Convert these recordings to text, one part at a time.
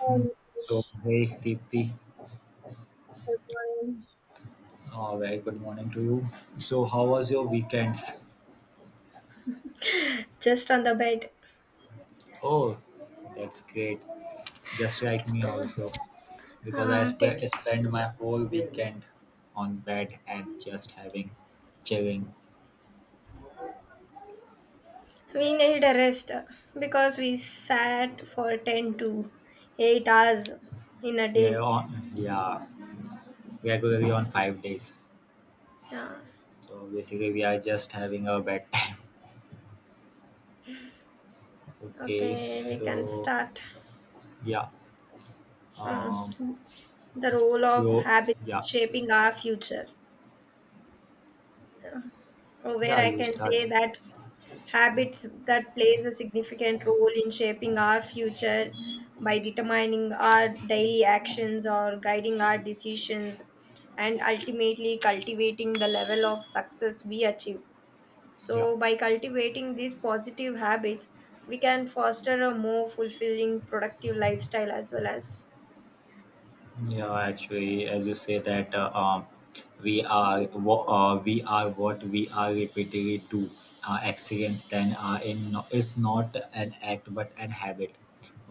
Um, So, ish, hey Deepti, but very good morning to you. So, how was your weekends? just on the bed. Oh, that's great. Just like me also, because I Uh, take. spent my whole weekend on bed and just having chilling. We need a rest because we sat for 10 to 8 hours in a We are day. on, yeah, regularly on 5 days. Yeah. So basically, we are just having our bedtime. Okay, Okay, we can so start. yeah, um, Mm. The role of so habits yeah, shaping our future. Where yeah, I you can start. say that habits that plays a significant role in shaping our future by determining our daily actions or guiding our decisions and ultimately cultivating the level of success we achieve. Yeah. So by cultivating these positive habits, we can foster a more fulfilling productive lifestyle as well as, Yeah, actually, as you say that we are what we are what we are repeatedly do. Excellence then in no, is not an act but an habit.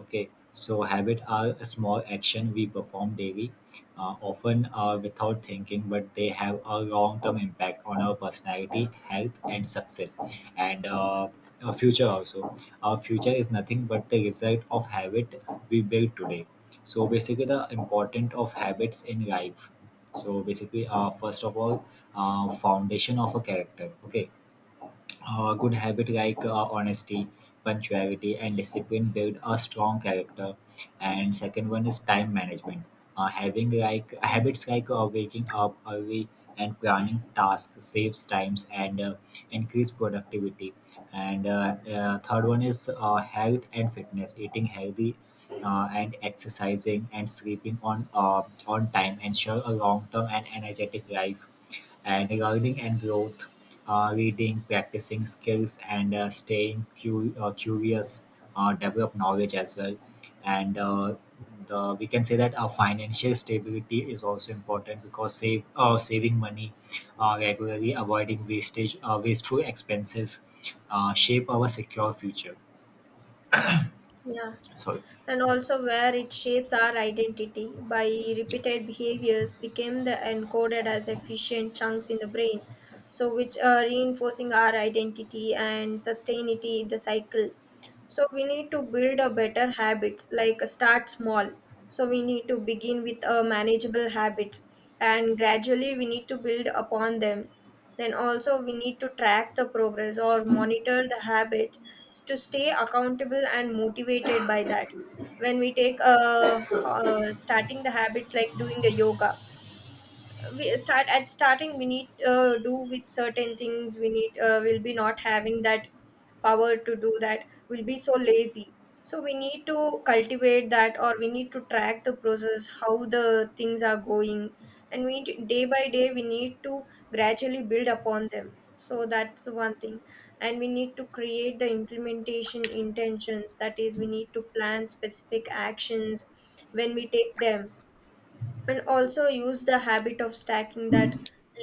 Okay, so habit are a small action we perform daily, often without thinking, but they have a long term impact on our personality, health, and success, and our future also. Our future is nothing but the result of habit we build today. So basically, the importance of habits in life, so basically, first of all, foundation of a character. Okay, good habit like honesty, punctuality, and discipline build a strong character. And second one is time management. Having like habits like waking up early and planning tasks saves times and increase productivity. And third one is health and fitness. Eating healthy and exercising and sleeping on time ensure a long term and energetic life, and learning and growth, reading, practicing skills, and staying curious, develop knowledge as well. And the, we can say that our financial stability is also important because save saving money regularly, avoiding wastage, wasteful expenses, shape our secure future. yeah, Sorry. and also where it shapes our identity by Yeah. repeated behaviors became the encoded as efficient chunks in the brain, so which are reinforcing our identity and sustainability the cycle. So we need to build a better habits like start small, so we need to begin with a manageable habits and gradually we need to build upon them. Then also we need to track the progress or monitor the habits to stay accountable and motivated by that. When we take starting the habits like doing a yoga, we start at starting we need do with certain things, we need will be not having that power to do that, we'll be so lazy. So we need to cultivate that, or we need to track the process how the things are going, and day by day we need to gradually build upon them. So that's the one thing. And we need to create the implementation intentions, that is we need to plan specific actions when we take them, and also use the habit of stacking, that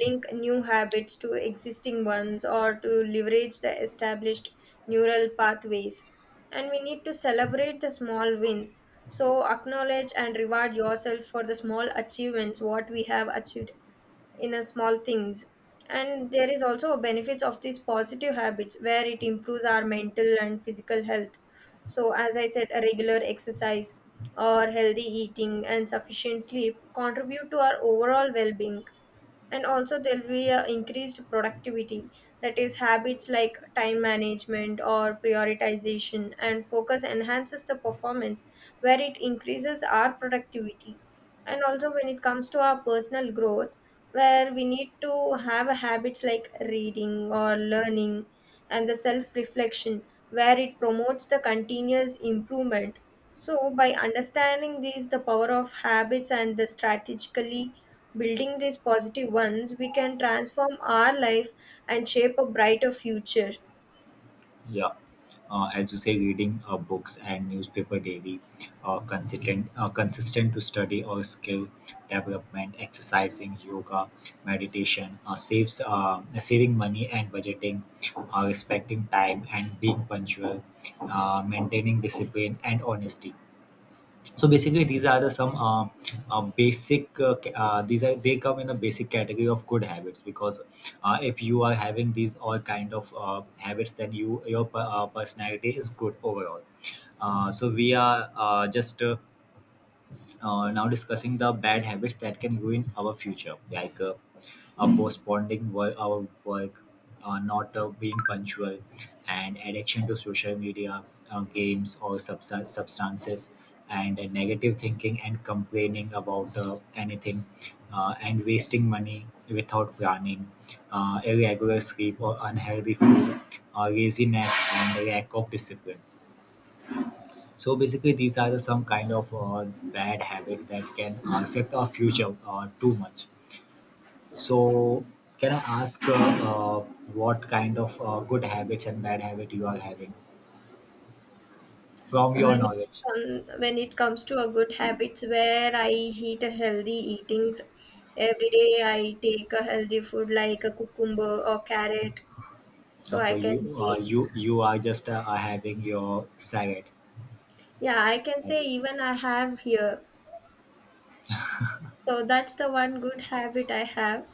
link new habits to existing ones or to leverage the established neural pathways. And we need to celebrate the small wins, so acknowledge and reward yourself for the small achievements what we have achieved in a small things. And there is also a benefits of these positive habits where it improves our mental and physical health. So as I said, a regular exercise or healthy eating and sufficient sleep contribute to our overall well-being. And also there'll be a increased productivity, that is habits like time management or prioritization and focus enhances the performance where it increases our productivity. And also when it comes to our personal growth, where we need to have habits like reading or learning and the self reflection, where it promotes the continuous improvement. So, by understanding these, the power of habits and the strategically building these positive ones, we can transform our life and shape a brighter future. Yeah. As you say, reading books and newspaper daily, consistent to study or skill development, exercising, yoga, meditation, saves saving money and budgeting, respecting time and being punctual, maintaining discipline and honesty. So basically, these are the some basic these are they come in a basic category of good habits, because if you are having these all kind of habits then you your personality is good overall. So we are just now discussing the bad habits that can ruin our future, like postponing work, our work, not being punctual, and addiction to social media, games, or substances, and negative thinking and complaining about anything, and wasting money without planning, irregular sleep or unhealthy food, laziness, and lack of discipline. So basically, these are the some kind of bad habit that can affect our future too much. So, can I ask what kind of good habits and bad habit you are having from your When it, knowledge? When it comes to a good habits, where I eat a healthy eatings every day, I take a healthy food like a cucumber or carrot. So I Okay, can you say, you are just are having your side yeah, I can say habit. even I have here. So that's the one good habit I have.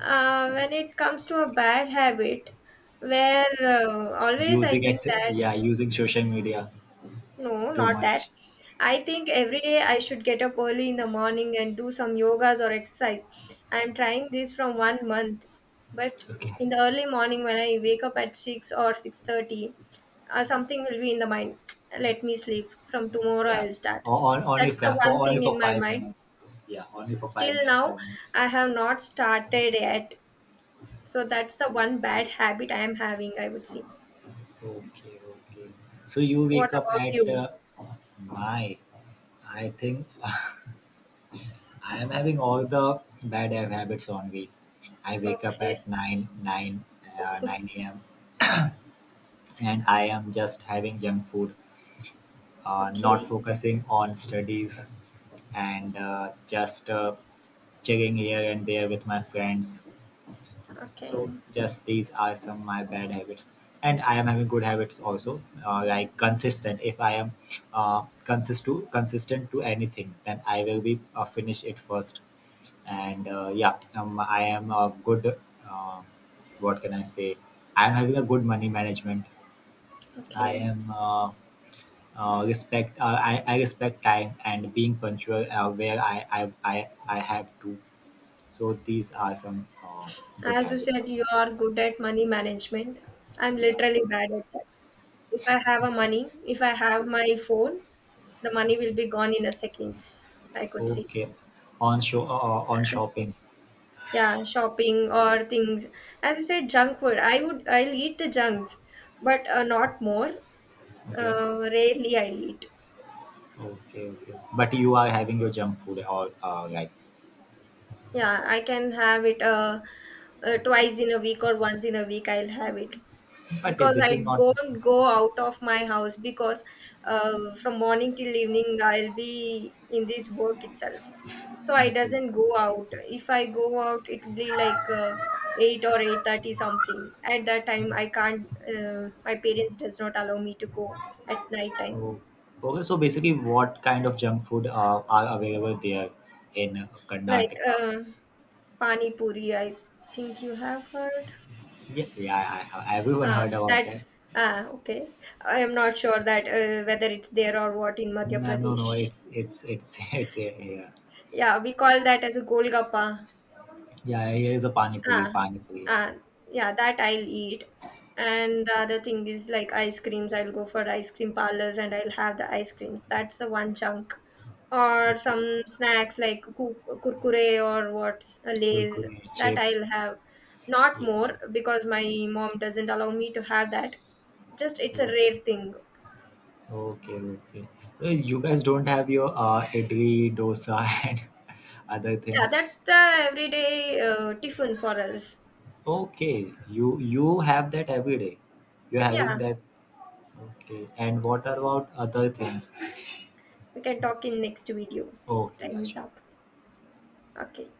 When it comes to a bad habit, where always I using think ex- that yeah using social media no, too not that. much. I think every day I should get up early in the morning and do some yogas or exercise. I'm trying this from one month, but Okay, in the early morning when I wake up at 6:00 or 6:30, something will be in the mind. Let me sleep. From tomorrow yeah, I'll start. On only That's the for one only thing for in my five mind. minutes. Yeah, only for five Still minutes. now, 5 minutes. I have not started yet. So that's the one bad Okay, habit I am having, I would say. okay, okay. So you What wake up about at you? My. I think I am having all the bad habits only. I wake up Okay. at 9 a.m. and I am just having junk food, not Okay. focusing on studies, and just checking here and there with my friends. So Okay. just these are some of my bad habits. And I am having good habits also, like consistent. If I am consistent to anything, then I will be finish it first. And I am a good uh, what can I say I am having a good money management. i Okay. am uh, I respect time and being punctual where I have to. So these are some good As you habits said, of you mine. are good at money management. I'm Yeah. literally bad at that. If I have a money, if I have my phone, the money will be gone in a seconds. I could see. Okay, on show on shopping. Yeah, shopping or things. As you said, junk food. I'll eat the junks, but not more. Okay. Rarely I'll eat. Okay, okay, but you are having your junk food or like, Yeah, I can have it twice in a week or once in a week. I'll have it but because this is I not don't go out of my house, because from morning till evening I'll be in this work itself. So I okay. doesn't go out. If I go out, it will be like 8:00 or 8:30 something. At that time, I can't. My parents does not allow me to go at night time. Oh, okay. So basically, what kind of junk food are available there in Like Karnataka? Pani puri, I think you have heard. Yeah, yeah. Everyone Ah, heard about that that. ah, okay. I am not sure that whether it's there or what in Madhya No, no, no. Pradesh. It's it's it's a yeah. Yeah, we call that as a golgappa. Yeah, here is a pani puri, Ah, pani puri. Yeah. ah, yeah, that I'll eat. And the other thing is like ice creams. I'll go for ice cream parlors and I'll have the ice creams. That's a one chunk. Or some Okay. snacks like kurkure or what's Lays. Kurkure, That I'll chips. have. Not Yeah. more, because my mom doesn't allow me to have that, just it's a Food. rare thing. Okay, okay. Well, you guys don't have your idli, dosa, and other Yeah, things. that's the everyday tiffin for us. Okay, you have that every day. You're having Yeah, that. Okay. And what about other things? we can talk in next video. Okay, Time yeah, is sure. up. Okay.